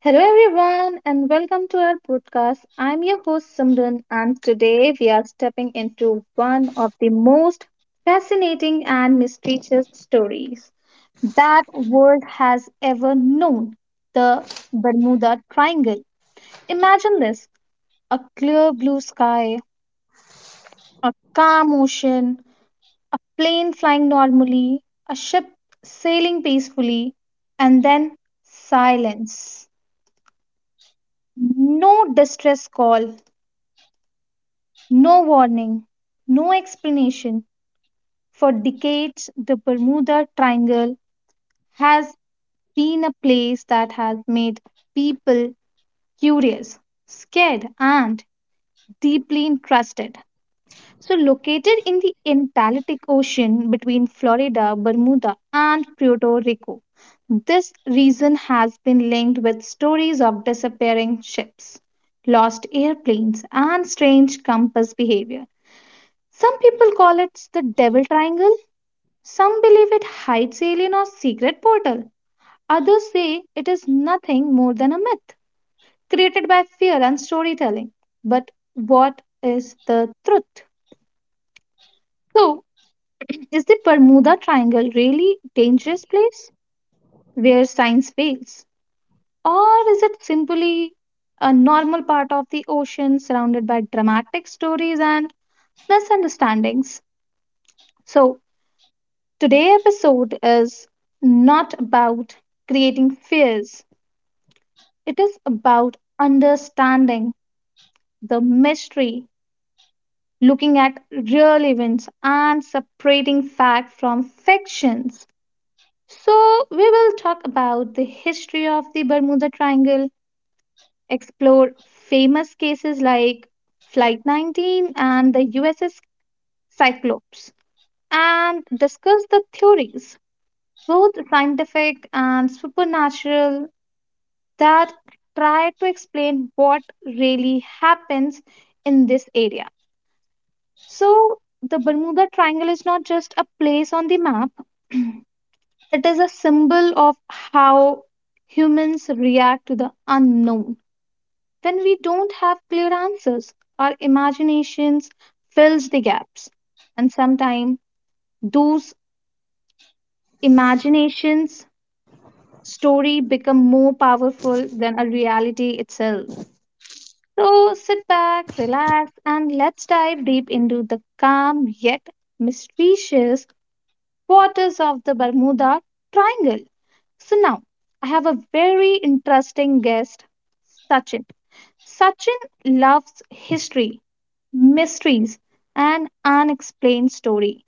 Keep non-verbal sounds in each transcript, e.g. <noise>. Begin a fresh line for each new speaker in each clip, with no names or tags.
Hello, everyone, and welcome to our podcast. I'm your host Simran, and today we are stepping into one of the most fascinating and mysterious stories that world has ever known: the Bermuda Triangle. Imagine this: a clear blue sky, a calm ocean, a plane flying normally, a ship sailing peacefully, and then silence. No distress call, no warning, no explanation. For decades, the Bermuda Triangle has been a place that has made people curious, scared, and deeply interested. So, located in the Atlantic Ocean between Florida, Bermuda, and Puerto Rico, this region has been linked with stories of disappearing ships, lost airplanes, and strange compass behavior. Some people call it the devil triangle. Some believe it hides alien or secret portal. Others say it is nothing more than a myth created by fear and storytelling. But what is the truth? So, <clears throat> is the Bermuda Triangle really a dangerous place where science fails? Or is it simply a normal part of the ocean surrounded by dramatic stories and misunderstandings? So, today episode is not about creating fears. It is about understanding the mystery, looking at real events and separating fact from fictions. So, we will talk about the history of the Bermuda Triangle, explore famous cases like Flight 19 and the USS Cyclops, and discuss the theories, both scientific and supernatural, that try to explain what really happens in this area. So, the Bermuda Triangle is not just a place on the map, it is a symbol of how humans react to the unknown. When we don't have clear answers, our imaginations fills the gaps. And sometimes those imaginations story become more powerful than a reality itself. So sit back, relax, and let's dive deep into the calm yet mysterious waters of the Bermuda Triangle. So now, I have a very interesting guest, Sachin. Sachin loves history, mysteries, and unexplained story.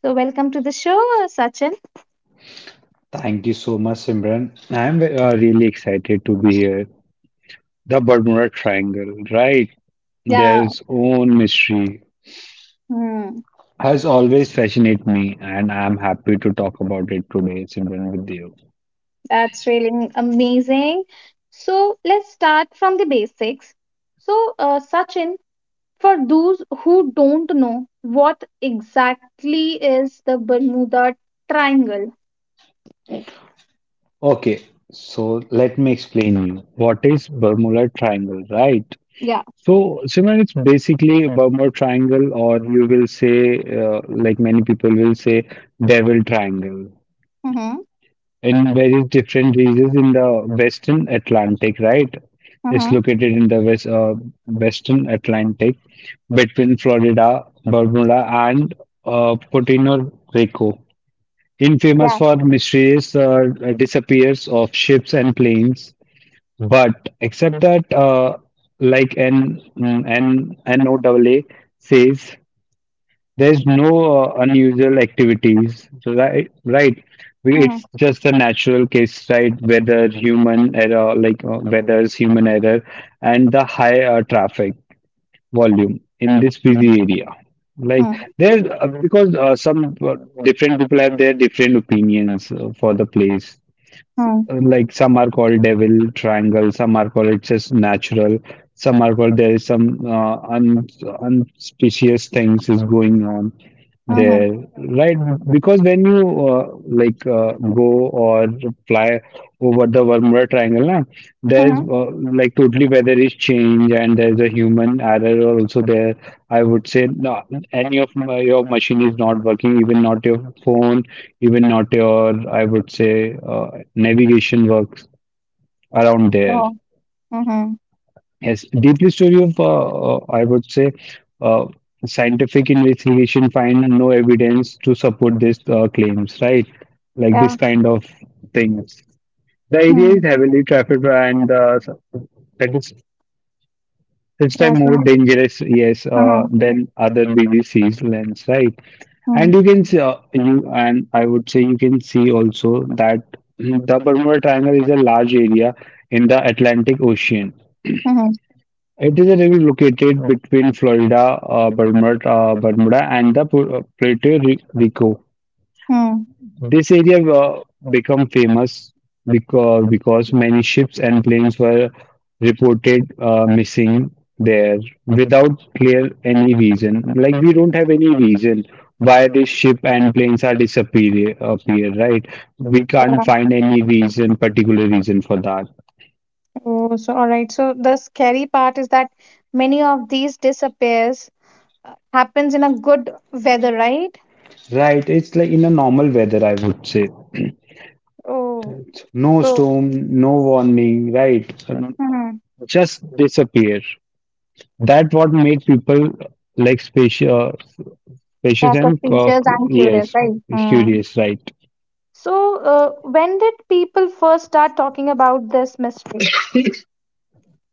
So welcome to the show, Sachin.
Thank you so much, Simran. I'm really excited to be here. The Bermuda Triangle, right?
Yeah,
There's own mystery
hmm,
has always fascinated me, and I'm happy to talk about it today, Simran, with you.
that's really amazing. So let's start from the basics. So, Sachin, for those who don't know, what exactly is the Bermuda Triangle? Eh,
Okay, so let me explain you what is Bermuda Triangle, right?
Yeah.
So, Simran, it's basically a Bermuda Triangle, or you will say, like many people will say, Devil Triangle.
Mm-hmm.
In various different regions in the Western Atlantic, right? It's
Mm-hmm.
located in the Western Atlantic between Florida, Bermuda, and Puerto Rico. Infamous
Yeah.
for mysterious disappears of ships and planes, but except that, like N N NOAA says, there's no unusual activities. So, right? Right.
Mm-hmm.
It's just a natural case, right? Whether it's human error and the high traffic volume in this busy area. Like
Mm-hmm.
there's because some Different people have their different opinions for the place,
Mm-hmm.
like some are called devil triangle, some are called it's just natural, some are called there is some un unspecious things is going on
Mm-hmm.
there, right? Because when you like go or fly over the Bermuda Triangle, na, there's
Mm-hmm.
like totally weather is change and there's a human error also there. I would say no, any of your machine is not working, even not your phone even not your, I would say, navigation works around there.
Oh. Mm-hmm.
Yes, deeply story of, I would say, uh, scientific investigation find no evidence to support these claims, right? Like
Yeah.
this kind of things. The area is
Mm-hmm.
heavily trafficked and that is it's
Yeah.
time more
So.
dangerous, yes,
Mm-hmm.
than other BBC's lands, right? And
Mm-hmm.
you can see, you and I would say you can see also that the Bermuda Triangle is a large area in the Atlantic Ocean.
Mm-hmm.
It is area located between Florida, Bermuda, and the Puerto Rico.
Mm-hmm.
Hmm. This area became famous because many ships and planes were reported missing there without clear any reason. Like we don't have any reason why this ship and planes are appear, right? We can't find any reason, particular reason for that.
Oh, so all right. So the scary part is that many of these disappears happens in a good weather, right?
Right, it's like in a normal weather, I would say.
Oh.
No
So.
storm, no warning, right?
Mm-hmm.
Just disappear. That what made people like special.
Yeah.
Fishes and cock,
Suspicious and curious,
yes,
right? Mm-hmm.
curious, right.
So, when did people first start talking about this mystery?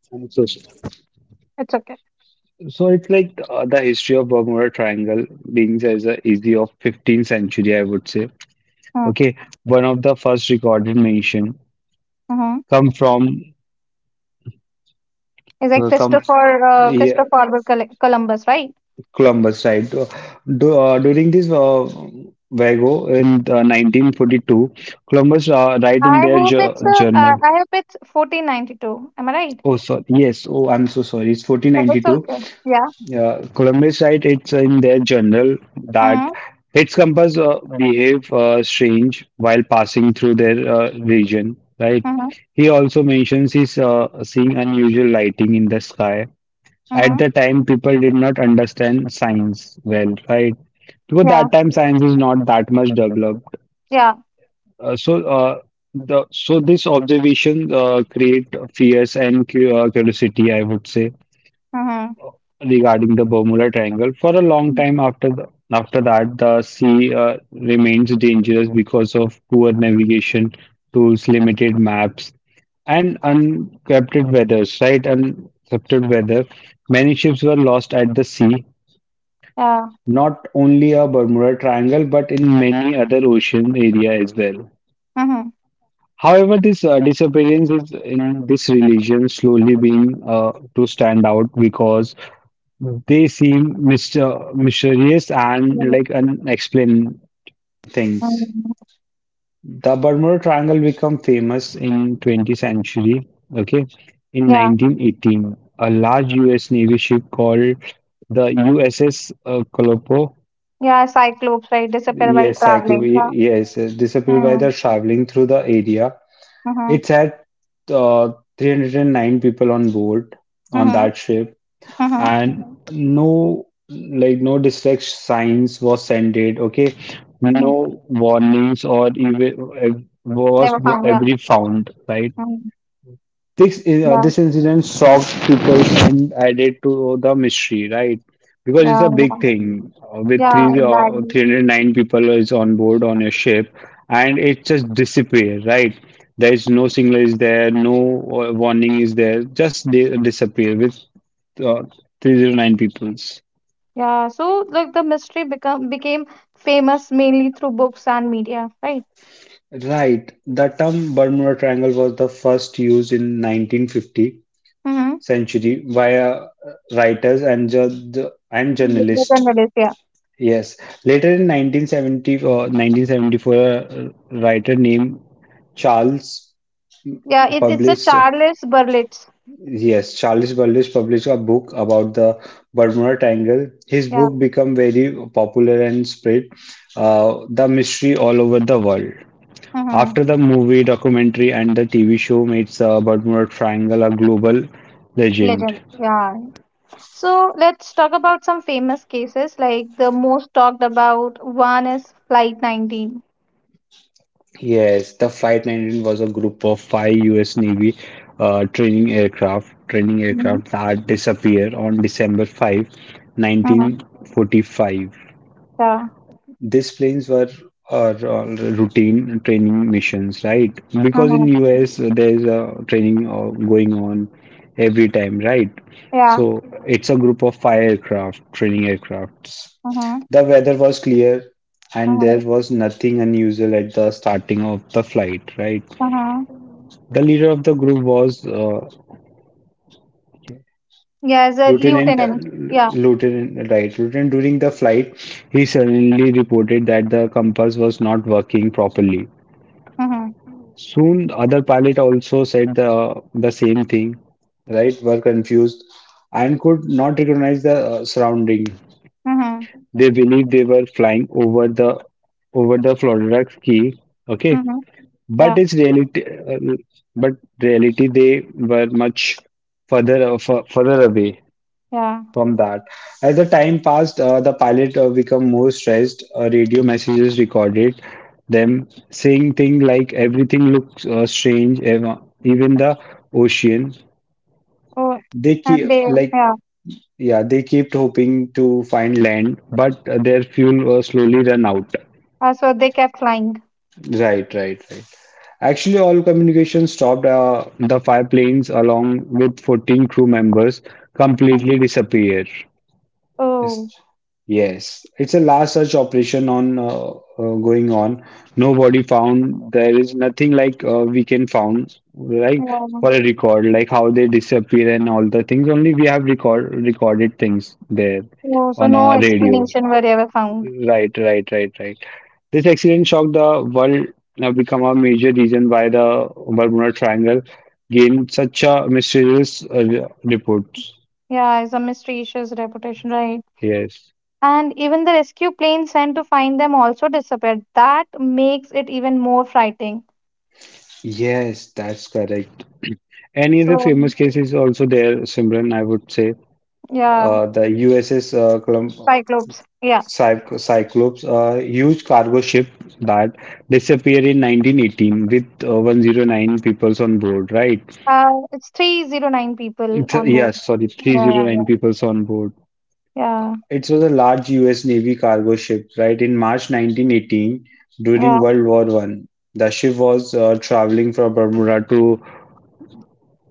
so
It's okay.
So it's like the history of Bermuda Triangle begins as a easy of 15th century, I would say. Okay, one of the first recorded mention
Mm-hmm.
come from
It's like
come
Christopher uh,
yeah,
Christopher Columbus, right?
Columbus, right? During this Vago in 1942, Columbus write in
I
their
hope it's uh, uh,
journal.
I hope it's 1492. Am I right?
Oh, sorry. Yes. Oh, I'm so sorry. It's
It's
1492.
okay. Yeah.
Yeah, Columbus site, it's in their journal that
Mm-hmm.
its compass behave strange while passing through their region, right?
Mm-hmm.
He also mentions he's seeing unusual lighting in the sky. At
Mm-hmm.
the time, people did not understand science well, right? Because
Yeah.
that time science is not that much developed.
Yeah.
So the so This observation create fears and curiosity, I would say
Mm-hmm.
regarding the Bermuda Triangle. For a long time after that, the sea remains dangerous because of poor navigation tools, limited maps, and uncrepted weathers. Right, uncrepted weather. Many ships were lost at the sea.
Yeah.
Not only a Bermuda Triangle, but in many other ocean area as well.
Mm-hmm.
However, this disappearance is in this religion slowly being to stand out because they seem mysterious and
Yeah.
like unexplained things.
Mhm.
The Bermuda Triangle became famous in 20th century. Okay, in
Yeah.
1918, a large U.S. Navy ship called the USS
Yeah. Cyclopes, right? Disappear while
yes, Cyclo,
traveling. Yeah.
yes, disappeared by
Mm-hmm.
the traveling through the area.
Mm-hmm.
It had uh, 309 people on board on
Mm-hmm.
that ship and no distract signs was sended. Okay,
Mm-hmm.
no warnings or even was
Never found. Yeah.
every found, right?
Mm-hmm.
this is uh,
Yeah.
this incident shocked people and added to the mystery, right? Because it's
Yeah.
a big
yeah.
thing with
Yeah,
three
exactly.
309 people is on board on a ship, and it just disappears, right? There is no signal is there, no warning is there, just they disappear with uh, 309 peoples.
Yeah, so like the mystery become became famous mainly through books and media, right?
Right. The term Bermuda Triangle was the first used in 1950
Mm-hmm.
century by writers and
Legend
journalists.
Willis, yeah.
Yes. Later in 1970 or 1974, a writer named Charles
Yeah, it's a
published,
Charles Berlitz.
yes, Charles Burles published a book about the Bermuda Triangle. His
Yeah.
book became very popular and spread the mystery all over the world.
Mm-hmm.
After the movie, documentary, and the TV show made the Bermuda Triangle a global legend.
Legend. Yeah. So let's talk about some famous cases. Like the most talked about one is Flight 19.
Yes, the Flight 19 was a group of five U.S. Navy training
Mm-hmm.
aircraft that disappeared on December
Mm-hmm.
5, 1945.
Yeah.
These planes were routine training missions, right? Because
Mm-hmm.
in U.S. There is a training going on every time, right?
Yeah.
So it's a group of five aircraft, training aircrafts.
Mm-hmm.
The weather was clear, and there
Mm-hmm.
was nothing unusual at the starting of the flight, right?
Mm-hmm.
The leader of the group was
Yeah, as a
Lieutenant, uh,
lieutenant. Yeah.
Lieutenant. During the flight, he suddenly reported that the compass was not working properly.
Mm-hmm.
Soon, other pilot also said the same thing. Right, were confused and could not recognize the surrounding.
Mm-hmm.
They believed they were flying over the Florida Key. Okay,
Mm-hmm.
but
Yeah.
it's reality. Uh, but reality, they were much further away
Yeah.
from that. As the time passed, the pilot became more stressed. Radio messages recorded them saying things like everything looks strange, even the ocean.
Oh,
They
and
keep
they,
like
yeah.
Yeah, they kept hoping to find land, but their fuel was slowly run out.
So they kept flying.
Right, right, right. Actually, all communication stopped. The five planes, along with 14 crew members,
Um,
completely disappeared.
Oh,
Yes, yes. It's a last search operation on going on. Nobody found. There is nothing like we can found like
yeah.
for a record, like how they disappear and all the things. Only we have recorded things there
Oh, so
on
no
a radio.
explanation were ever found.
Right, right, right, right. This accident shocked the world have become a major reason why the Bermuda Triangle gained such a mysterious reports.
Yeah, it's a mysterious reputation, right?
Yes.
And even the rescue plane sent to find them also disappeared. That makes it even more frightening.
Yes, that's correct. Any other
So,
famous case is also there, Simran, I would say.
yeah,
The USS
Cyclops. Yeah.
Cyclops, a huge cargo ship that disappeared in 1918 with 109 peoples on board, right?
It's 309 people on board.
Yes, sorry,
Yeah, yeah,
309
yeah.
peoples on board.
Yeah.
It was a large US Navy cargo ship, right? In March 1918, during
Yeah.
World War I, the ship was traveling from Bermuda to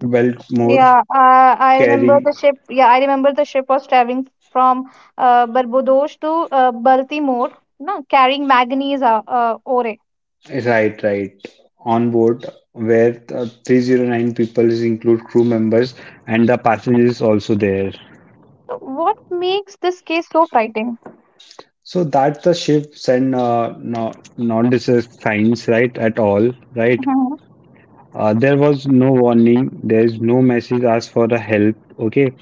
Baltimore,
Yeah, I remember
carrying.
the ship. Yeah, I remember the ship was traveling from Barbados to Baltimore, no, carrying manganese ore.
Right, right. On board, where the 309 people is include crew members and the passengers also there.
So what makes this case so frightening?
So that the ships and no, not this is signs, right, at all, right?
Mm-hmm.
There was no warning. There is no message asked for the help. Okay,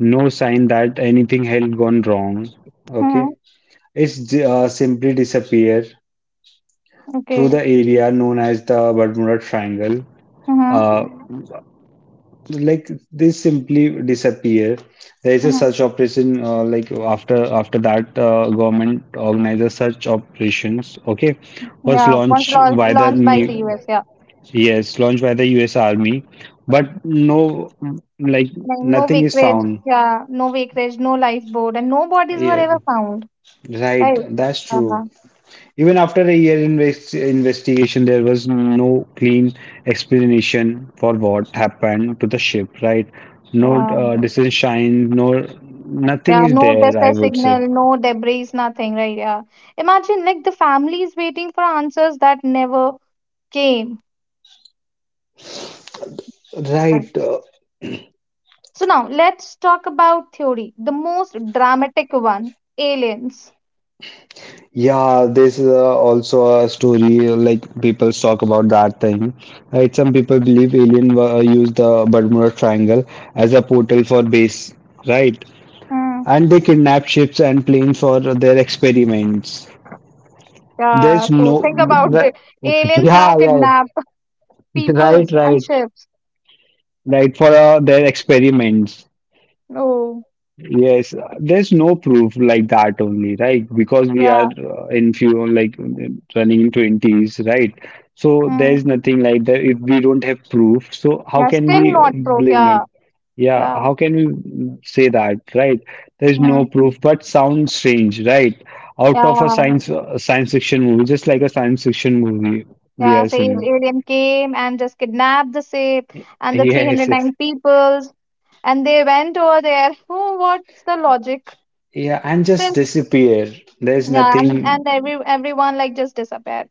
no sign that anything had gone wrong.
Mm-hmm.
Okay, it's simply disappear through the
Okay.
area known as the Bermuda Triangle.
Mm-hmm.
Uh, like they simply disappear. There is a
Mm-hmm.
search operation like after that government organizes search operations. Okay, was
Yeah, once
launched
launched,
by the
launched by the
new
US. Yeah,
yes, launched by the U.S. Army, but like
like no
nothing is
wreckage.
found.
Yeah, no wreckage, no lifeboat, and no bodies were
Yeah,
ever found. Right.
right. That's true.
Yeah.
Even after a year investigation, there was no clean explanation for what happened to the ship, right? No
Yeah.
decision shine, nothing
Yeah,
is
no
there, I
distress
would say.
signal, no debris, nothing, right? Yeah. Imagine like the families waiting for answers that never came. Yeah.
Right.
So now let's talk about theory, the most dramatic one, aliens.
Yeah, this is also a story like people talk about that thing. Right, some people believe alien used the Bermuda Triangle as a portal for base, right?
Hmm.
And they kidnap ships and planes for their experiments.
Yeah,
There's
so
no
think about
that,
it.
<laughs>
Aliens now
yeah, yeah, yeah.
kidnap <laughs>
<laughs>
peoples
Right,
and
right,
ships.
right for their experiments.
Oh,
Yes, there's no proof like that only, right? Because we are
yeah.
in few like running in 20s, right? So
Hmm.
there's nothing like that if we don't have proof. So how
Yeah,
can
still
we
not proof.
blame them?
Yeah,
Yeah,
yeah,
how can we say that, right? There's
hmm.
no proof, but sounds strange, right? Out of a
Yeah,
science fiction movie, just like a science fiction movie we
yeah.
are
Say
seeing.
alien came and just kidnapped the ship and the
Yes, yes.
309 peoples and they went over there. Oh, what's the logic
Yeah, and just
still?
disappear. There's
Yeah, and,
nothing
and everyone like just disappeared.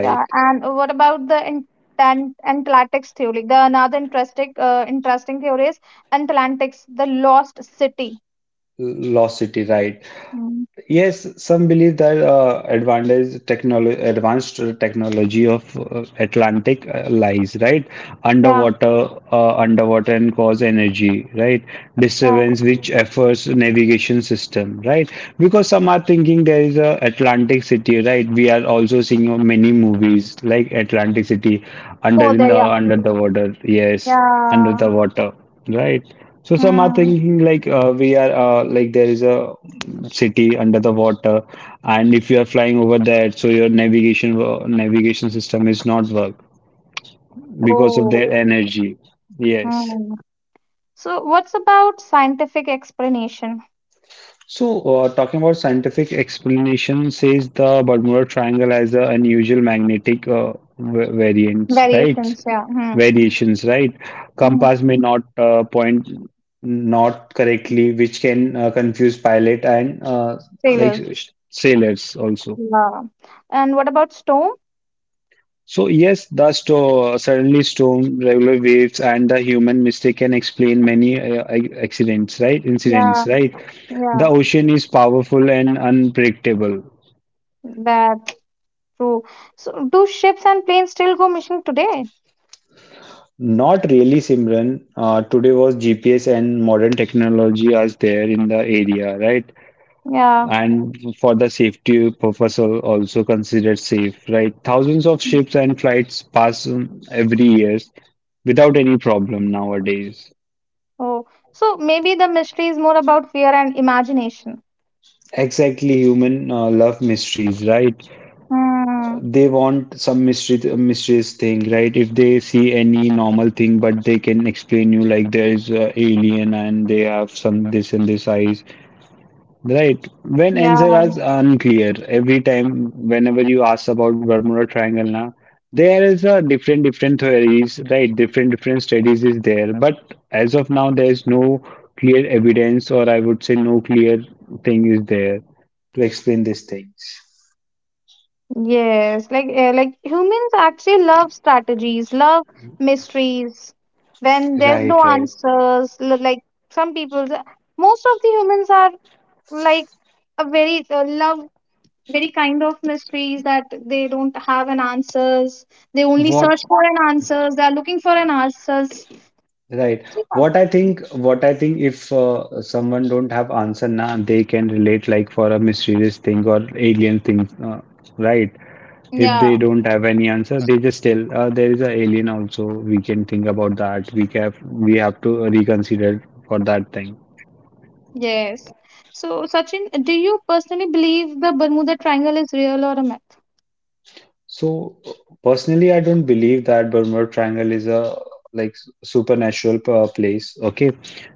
Yeah, and what about the Atlantic's theory, the another interesting theory is Atlantic's, the lost city.
Lost city, right?
Mm.
Yes, some believe that advanced technology of Atlantic lies right
yeah,
underwater, underwater and cause energy right
yeah,
disturbance which affects navigation system right because some are thinking there is a Atlantic City right. We are also seeing many movies like Atlantic City
over there, yeah,
under the water. Yes, under
yeah,
the water, right? So some are
hmm.
thinking like we are like there is a city under the water, and if you are flying over that, so your navigation system is not work because of
Oh.
their energy. Yes.
Hmm. So what's about scientific explanation?
So, talking about scientific explanation, says the Bermuda Triangle has an unusual magnetic variance, right?
Variations, yeah, hmm.
Variations, right?
Hmm.
Compass may not point not correctly, which can confuse pilot and like
Sailors,
sailors also.
yeah, and what about storm?
So yes, the sto suddenly storm, regular waves, and the human mistake can explain many accidents, right?
Yeah.
Incidents, right?
Yeah,
The ocean is powerful and unpredictable.
that's true. So, do ships and planes still go missing today?
Not really, Simran. Today was GPS and modern technology are there in the area, right?
Yeah.
And for the safety purpose, also considered safe, right? Thousands of ships and flights pass every year without any problem nowadays.
Oh, so maybe the mystery is more about fear and imagination.
Exactly, human love mysteries, right?
Hmm.
They want some mystery, mysterious thing, right? If they see any normal thing, but they can explain you like there is a alien and they have some this and this eyes. Right. When answer
Yeah.
is unclear, every time whenever you ask about Bermuda Triangle now, there is a different different theories, right? Different different studies is there. But as of now there is no clear evidence, or I would say no clear thing is there to explain these things.
Yes. Like humans actually love strategies, love mysteries. When there's
Right,
no
right.
answers, like some people, most of the humans are like a very love very kind of mysteries that they don't have an answers, they only search
What
for an answers, they are looking for an answers,
right.
yeah.
What I think if someone don't have answer now, they can relate like for a mysterious thing or alien thing, right? If they
Yeah,
don't have any answer, they just tell there is an alien also. We can think about that. We have to reconsider for that thing.
yes. So, Sachin, do you personally believe the Bermuda Triangle is real or a myth?
So personally, I don't believe that Bermuda Triangle is a like supernatural place. Okay,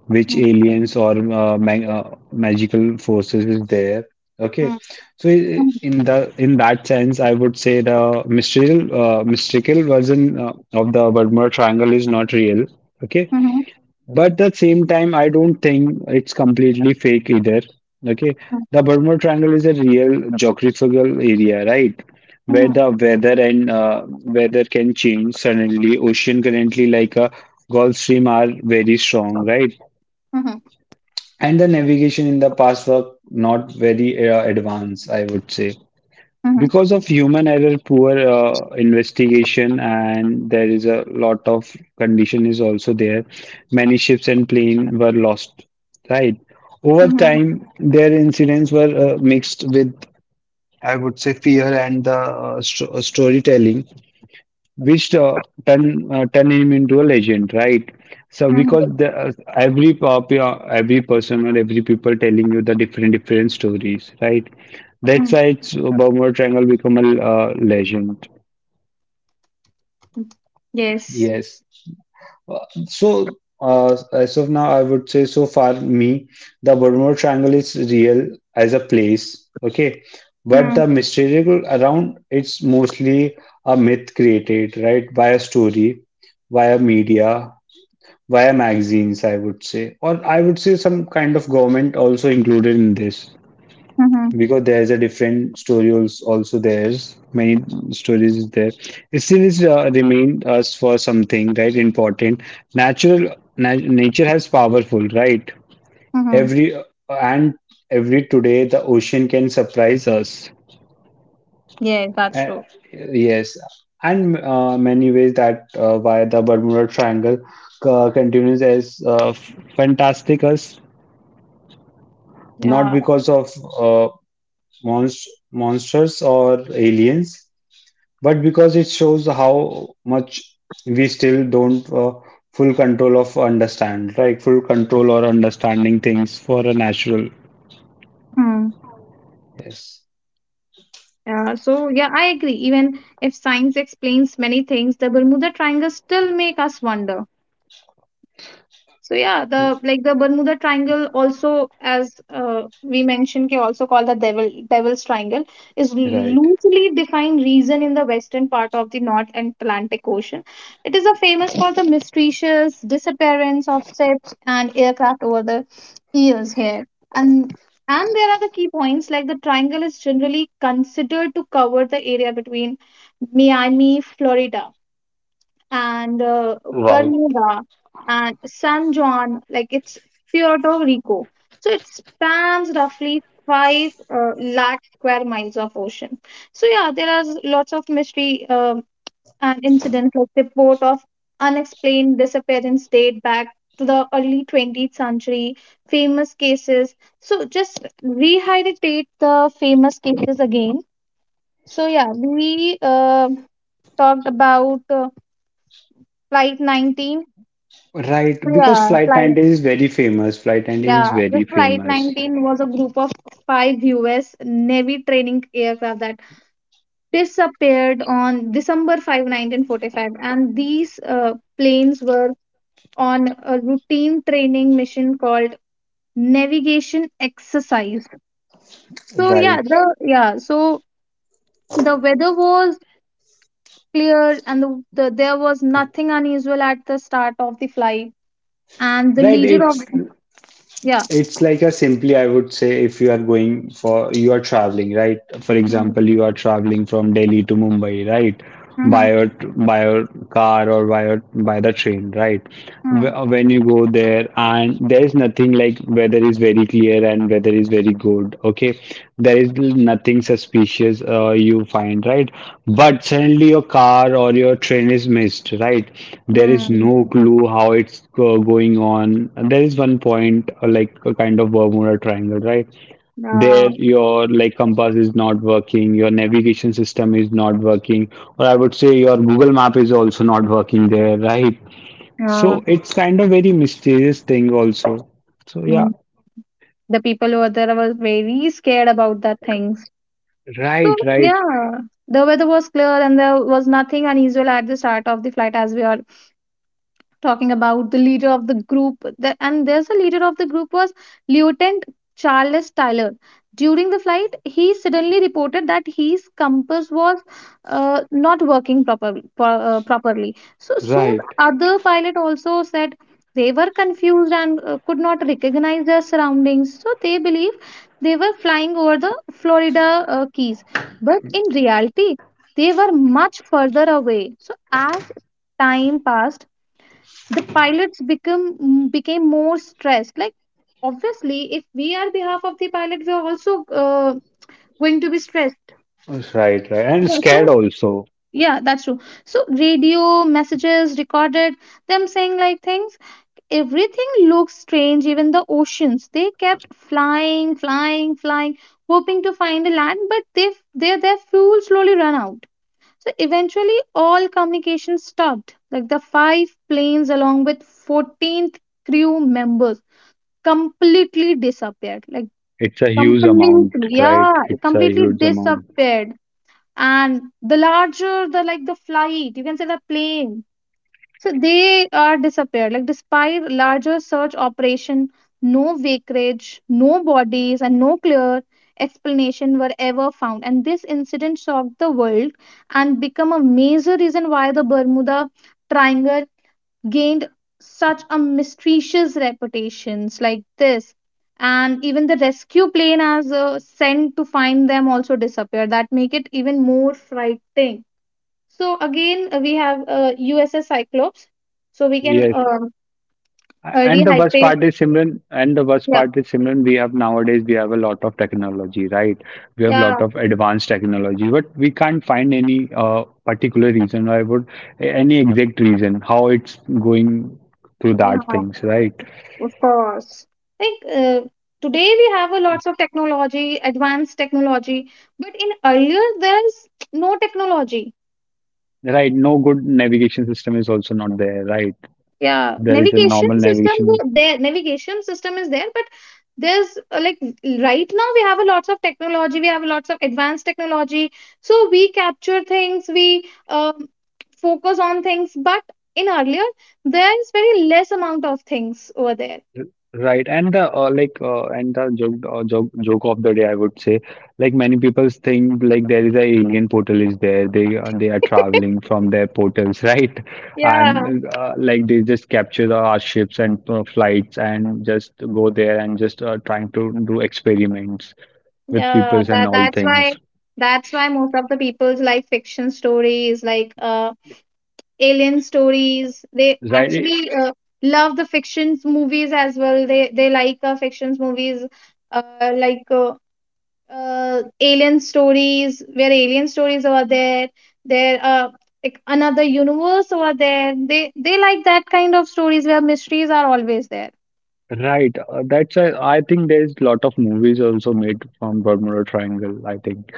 which
Hmm,
aliens or magical forces is there. Okay,
hmm,
so
hmm,
in that sense, I would say the mystical version of the Bermuda Triangle is not real. Okay,
mhm,
but at the same time, I don't think it's completely fake either. Okay,
hmm,
the Bermuda Triangle is a real geographical area, right? Where
mhm,
the weather can change suddenly. Ocean currently like a Gulf Stream are very strong, right?
mhm,
And the navigation in the past were not very advanced, I would say.
mhm,
Because of human error, poor investigation, and there is a lot of condition is also there. Many ships and plane were lost, right? Over
mhm,
time, their incidents were mixed with, I would say, fear and the storytelling which turn him into a legend, right? So
mhm,
because the, every person or every people telling you the different different stories, right? That's
mhm.
why it's Bermuda Triangle become a legend.
Yes.
Yes. So, as of now, I would say so far me, the Bermuda Triangle is real as a place, okay? But
Hmm,
the mystery around it's mostly a myth created, right, by a story, via media, via magazines, I would say, or I would say some kind of government also included in this,
mhm,
because there's a different story, also there's many stories is there. It still is remained us for something right important natural nature has powerful, right?
mhm.
Every and every today the ocean can surprise us.
Yes, that's
Uh,
true,
yes, and many ways that via the Bermuda Triangle continues as fantastic us, not
yeah.
because of uh, monsters or aliens, but because it shows how much we still don't full control of understand, right? Full control or understanding things for a natural. Yes,
So yeah, I agree. Even if science explains many things, the Bermuda Triangle still make us wonder. So yeah, the like the Bermuda Triangle also, as we mentioned, can also called the Devil's Triangle, is
right.
loosely defined region in the western part of the North Atlantic Ocean. It is a famous for the mysterious disappearance of ships and aircraft over the years here, and and there are the key points like the triangle is generally considered to cover the area between Miami, Florida and
Right.
Bermuda and San Juan, like it's Puerto Rico. So it spans roughly five lakh square miles of ocean. So yeah, there are lots of mystery and incidents like the report of unexplained disappearance date back to the early 20th century, famous cases. So just rehydrate the famous cases again. So yeah, we talked about flight 19,
Right, because
yeah,
Flight
flight.
19 is very famous. Flight 19 is
Yeah, the
very
Flight
famous.
19 was a group of five U.S. Navy training aircraft that disappeared on December 5, 1945, and these planes were on a routine training mission called navigation exercise. So yeah,
Right.
the yeah, so the weather was clear, and the there was nothing unusual at the start of the flight, and the
Right,
leader of,
it's
yeah.
It's like a simply, I would say, if you are going for, you are traveling, right? For
Hmm.
example, you are traveling from Delhi to Mumbai, right?
Mm-hmm.
By your car or by your, by the train, right? When you go there and there is nothing, like weather is very clear here and weather is very good. Okay, there is nothing suspicious you find, right? But suddenly your car or your train is missed, right? There is no clue how it's going on. There is one point, like a kind of Bermuda Triangle, right? There
Mm-hmm.
your like compass is not working, your navigation system is not working, or I would say your Google Map is also not working there, right?
Yeah,
So it's kind of very mysterious thing also. So yeah,
mm, the people over there was very scared about that things. So
right, right.
yeah, the weather was clear and there was nothing unusual at the start of the flight as we are talking about the leader of and there's a leader of the group was Lieutenant Charles Tyler. During the flight he suddenly reported that his compass was not working properly. So soon
Right.
other pilot also said they were confused and could not recognize their surroundings, so they believe they were flying over the Florida keys, but in reality they were much further away. So as time passed the pilots became more stressed, like obviously if we are behalf of the pilot we are also going to be stressed,
Yes, right, right. And
yeah,
scared
so
also.
yeah, that's true. So radio messages recorded them saying like things, everything looks strange, even the oceans. They kept flying, flying, flying, hoping to find a land, but they their fuel slowly ran out. So eventually, all communication stopped. Like the five planes, along with 14th crew members, completely disappeared. Like
It's a huge amount,
completely,
right?
yeah,
It's a
completely
huge amount.
disappeared. And the larger, the like the flight, you can say the plane, so they are disappeared. Like despite larger search operation, no wreckage, no bodies, and no clear explanation were ever found. And this incident shocked the world and become a major reason why the Bermuda Triangle gained such a mysterious reputations like this. And even the rescue plane as sent to find them also disappeared. That make it even more frightening. So again, we have USS Cyclops. So we can
Yes. And the worst
rehydrate.
part is Simran, and the worst
Yeah,
part is Simran, we have nowadays we have a lot of technology, right? We have a
yeah,
lot of advanced technology, but we can't find any particular reason why would any exact reason how it's going through
yeah,
that things, right?
of course. Like today we have a lots of technology, advanced technology, but in earlier there's no technology.
Right. No good navigation system is also not there, right?
Yeah,
There is a
navigation
normal navigation.
system is there, but there's like right now we have a lots of technology, we have lots of advanced technology, so we capture things, we um, focus on things, but in earlier there is very less amount of things over there.
Right, and the and the joke of the day, I would say, like many people think like there is a alien portal is there. They are traveling from their portals, <laughs> right?
Yeah,
And like they just capture the our ships and flights and just go there and just trying to do experiments with
yeah,
peoples and
that
all
that's why,
things.
that's why most of the people's like fiction stories, like alien stories. They
Right,
actually love the fictions movies as well. They like fictions movies, uh, like uh, alien stories where alien stories are there. There like another universe over there. They like that kind of stories where mysteries are always there.
right. That's a, I think there is lot of movies also made from Bermuda Triangle. I think,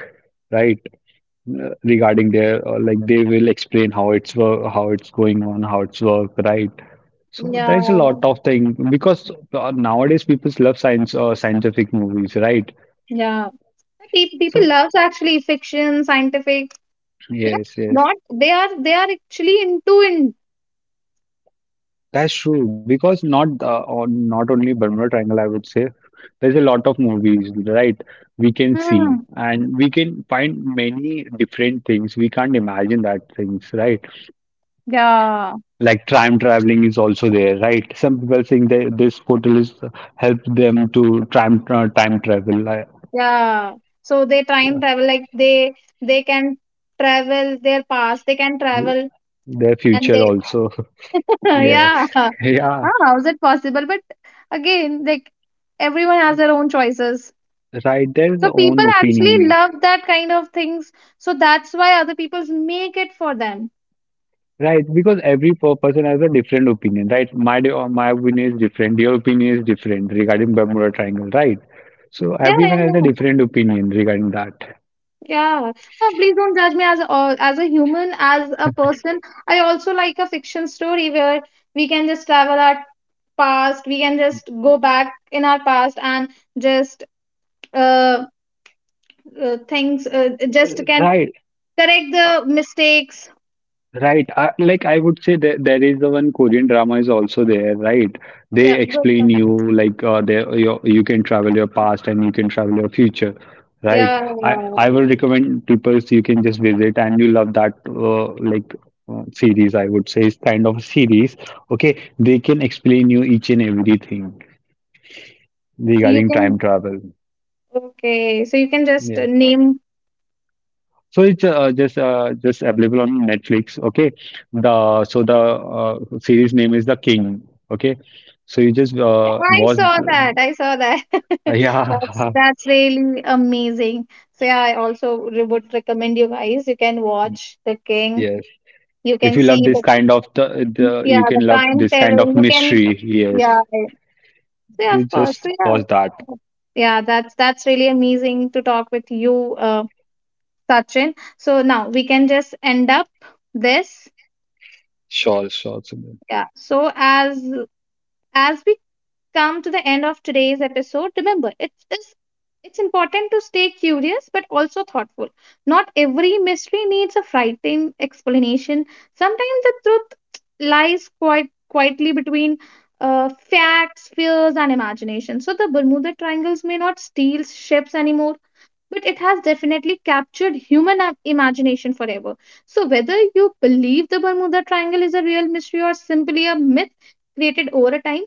right. Regarding their like they will explain how it's work, how it's going on, how it's work, right? So
Yeah,
there's a lot of thing because nowadays people love science scientific movies, right?
yeah. Pe- People
So
loves actually fiction, scientific. They are
yes, yes,
not. They are. They are actually into in.
that's true because not only Bermuda Triangle, I would say there's a lot of movies, right? We can see
Hmm.
and we can find many different things. We can't imagine that things, right?
Yeah.
Like time traveling is also there, right? Some people think that this portal is help them to time travel, like,
Yeah. So they time
yeah,
travel like they can travel their past. They can travel,
their
and
future
they
also. <laughs>
<laughs>
Yes,
yeah. Ah,
<laughs> yeah,
how is it possible? But again, like everyone has their own choices.
right. Their
So people
own
actually
opinion,
love that kind of things. So that's why other people make it for them.
right? Because every person has a different opinion, right? My opinion is different. Your opinion is different regarding Bermuda Triangle, right? So
Yeah, yeah,
everyone has a
yeah.
different opinion regarding that,
Yeah. No, please don't judge me as a human, as a person. I also like a fiction story where we can just travel our past, we can just go back in our past and just uh, things, just can
right?
correct the mistakes,
Right. Like I would say that there is the one Korean drama is also there, right? They
yeah, good
explain
thing.
you like there your, you can travel your past and you can travel your future, right?
Yeah,
I
yeah.
will recommend people so you can just visit and you love that series. I would say it's kind of a series. Okay, they can explain you each and everything
You
regarding
can,
time travel.
okay, so you can just name.
So it's just available on Netflix. Okay, the so the series name is The King. Okay, so you just
I
watch.
saw that,
The,
I saw that
<laughs>
<laughs>
yeah,
that's really amazing. So yeah, I also would recommend you guys, you can watch The King,
yes.
you
If
can
you love
see
this
the,
kind of the you
yeah,
can
the
love this kind
timetable,
of
you can,
mystery. Yes,
yeah. Yeah,
you
of course.
just
So yeah,
watch that.
yeah, that's really amazing to talk with you, Sachin. So now we can just end up this.
Sure, sure.
Yeah. So as we come to the end of today's episode, remember it's important to stay curious but also thoughtful. Not every mystery needs a frightening explanation. Sometimes the truth lies quite quietly between facts, fears, and imagination. So the Bermuda Triangles may not steal ships anymore, but it has definitely captured human imagination forever. So, whether you believe the Bermuda Triangle is a real mystery or simply a myth created over time,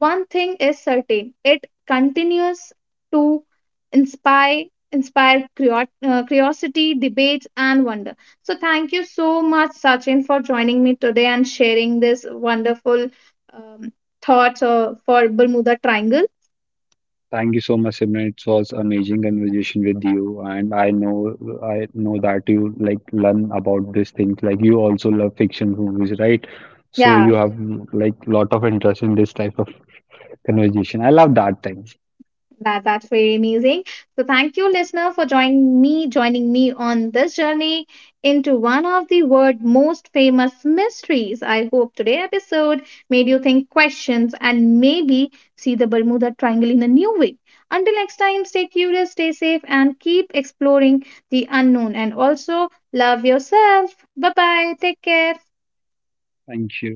one thing is certain, it continues to inspire inspire curiosity, debates, and wonder. So thank you so much, Sachin, for joining me today and sharing this wonderful um, thoughts for Bermuda Triangle.
Thank you so much, Simran. It was amazing conversation with you, and I know that you like learn about these things. Like you also love fiction movies, right? So
Yeah.
you have like lot of interest in this type of conversation. I love that thing.
That that's very amazing. So thank you, listener, for joining me, on this journey into one of the world's most famous mysteries. I hope today episode made you think questions and maybe see the Bermuda Triangle in a new way. Until next time, stay curious, stay safe, and keep exploring the unknown. And also love yourself. Bye bye. Take care.
Thank you,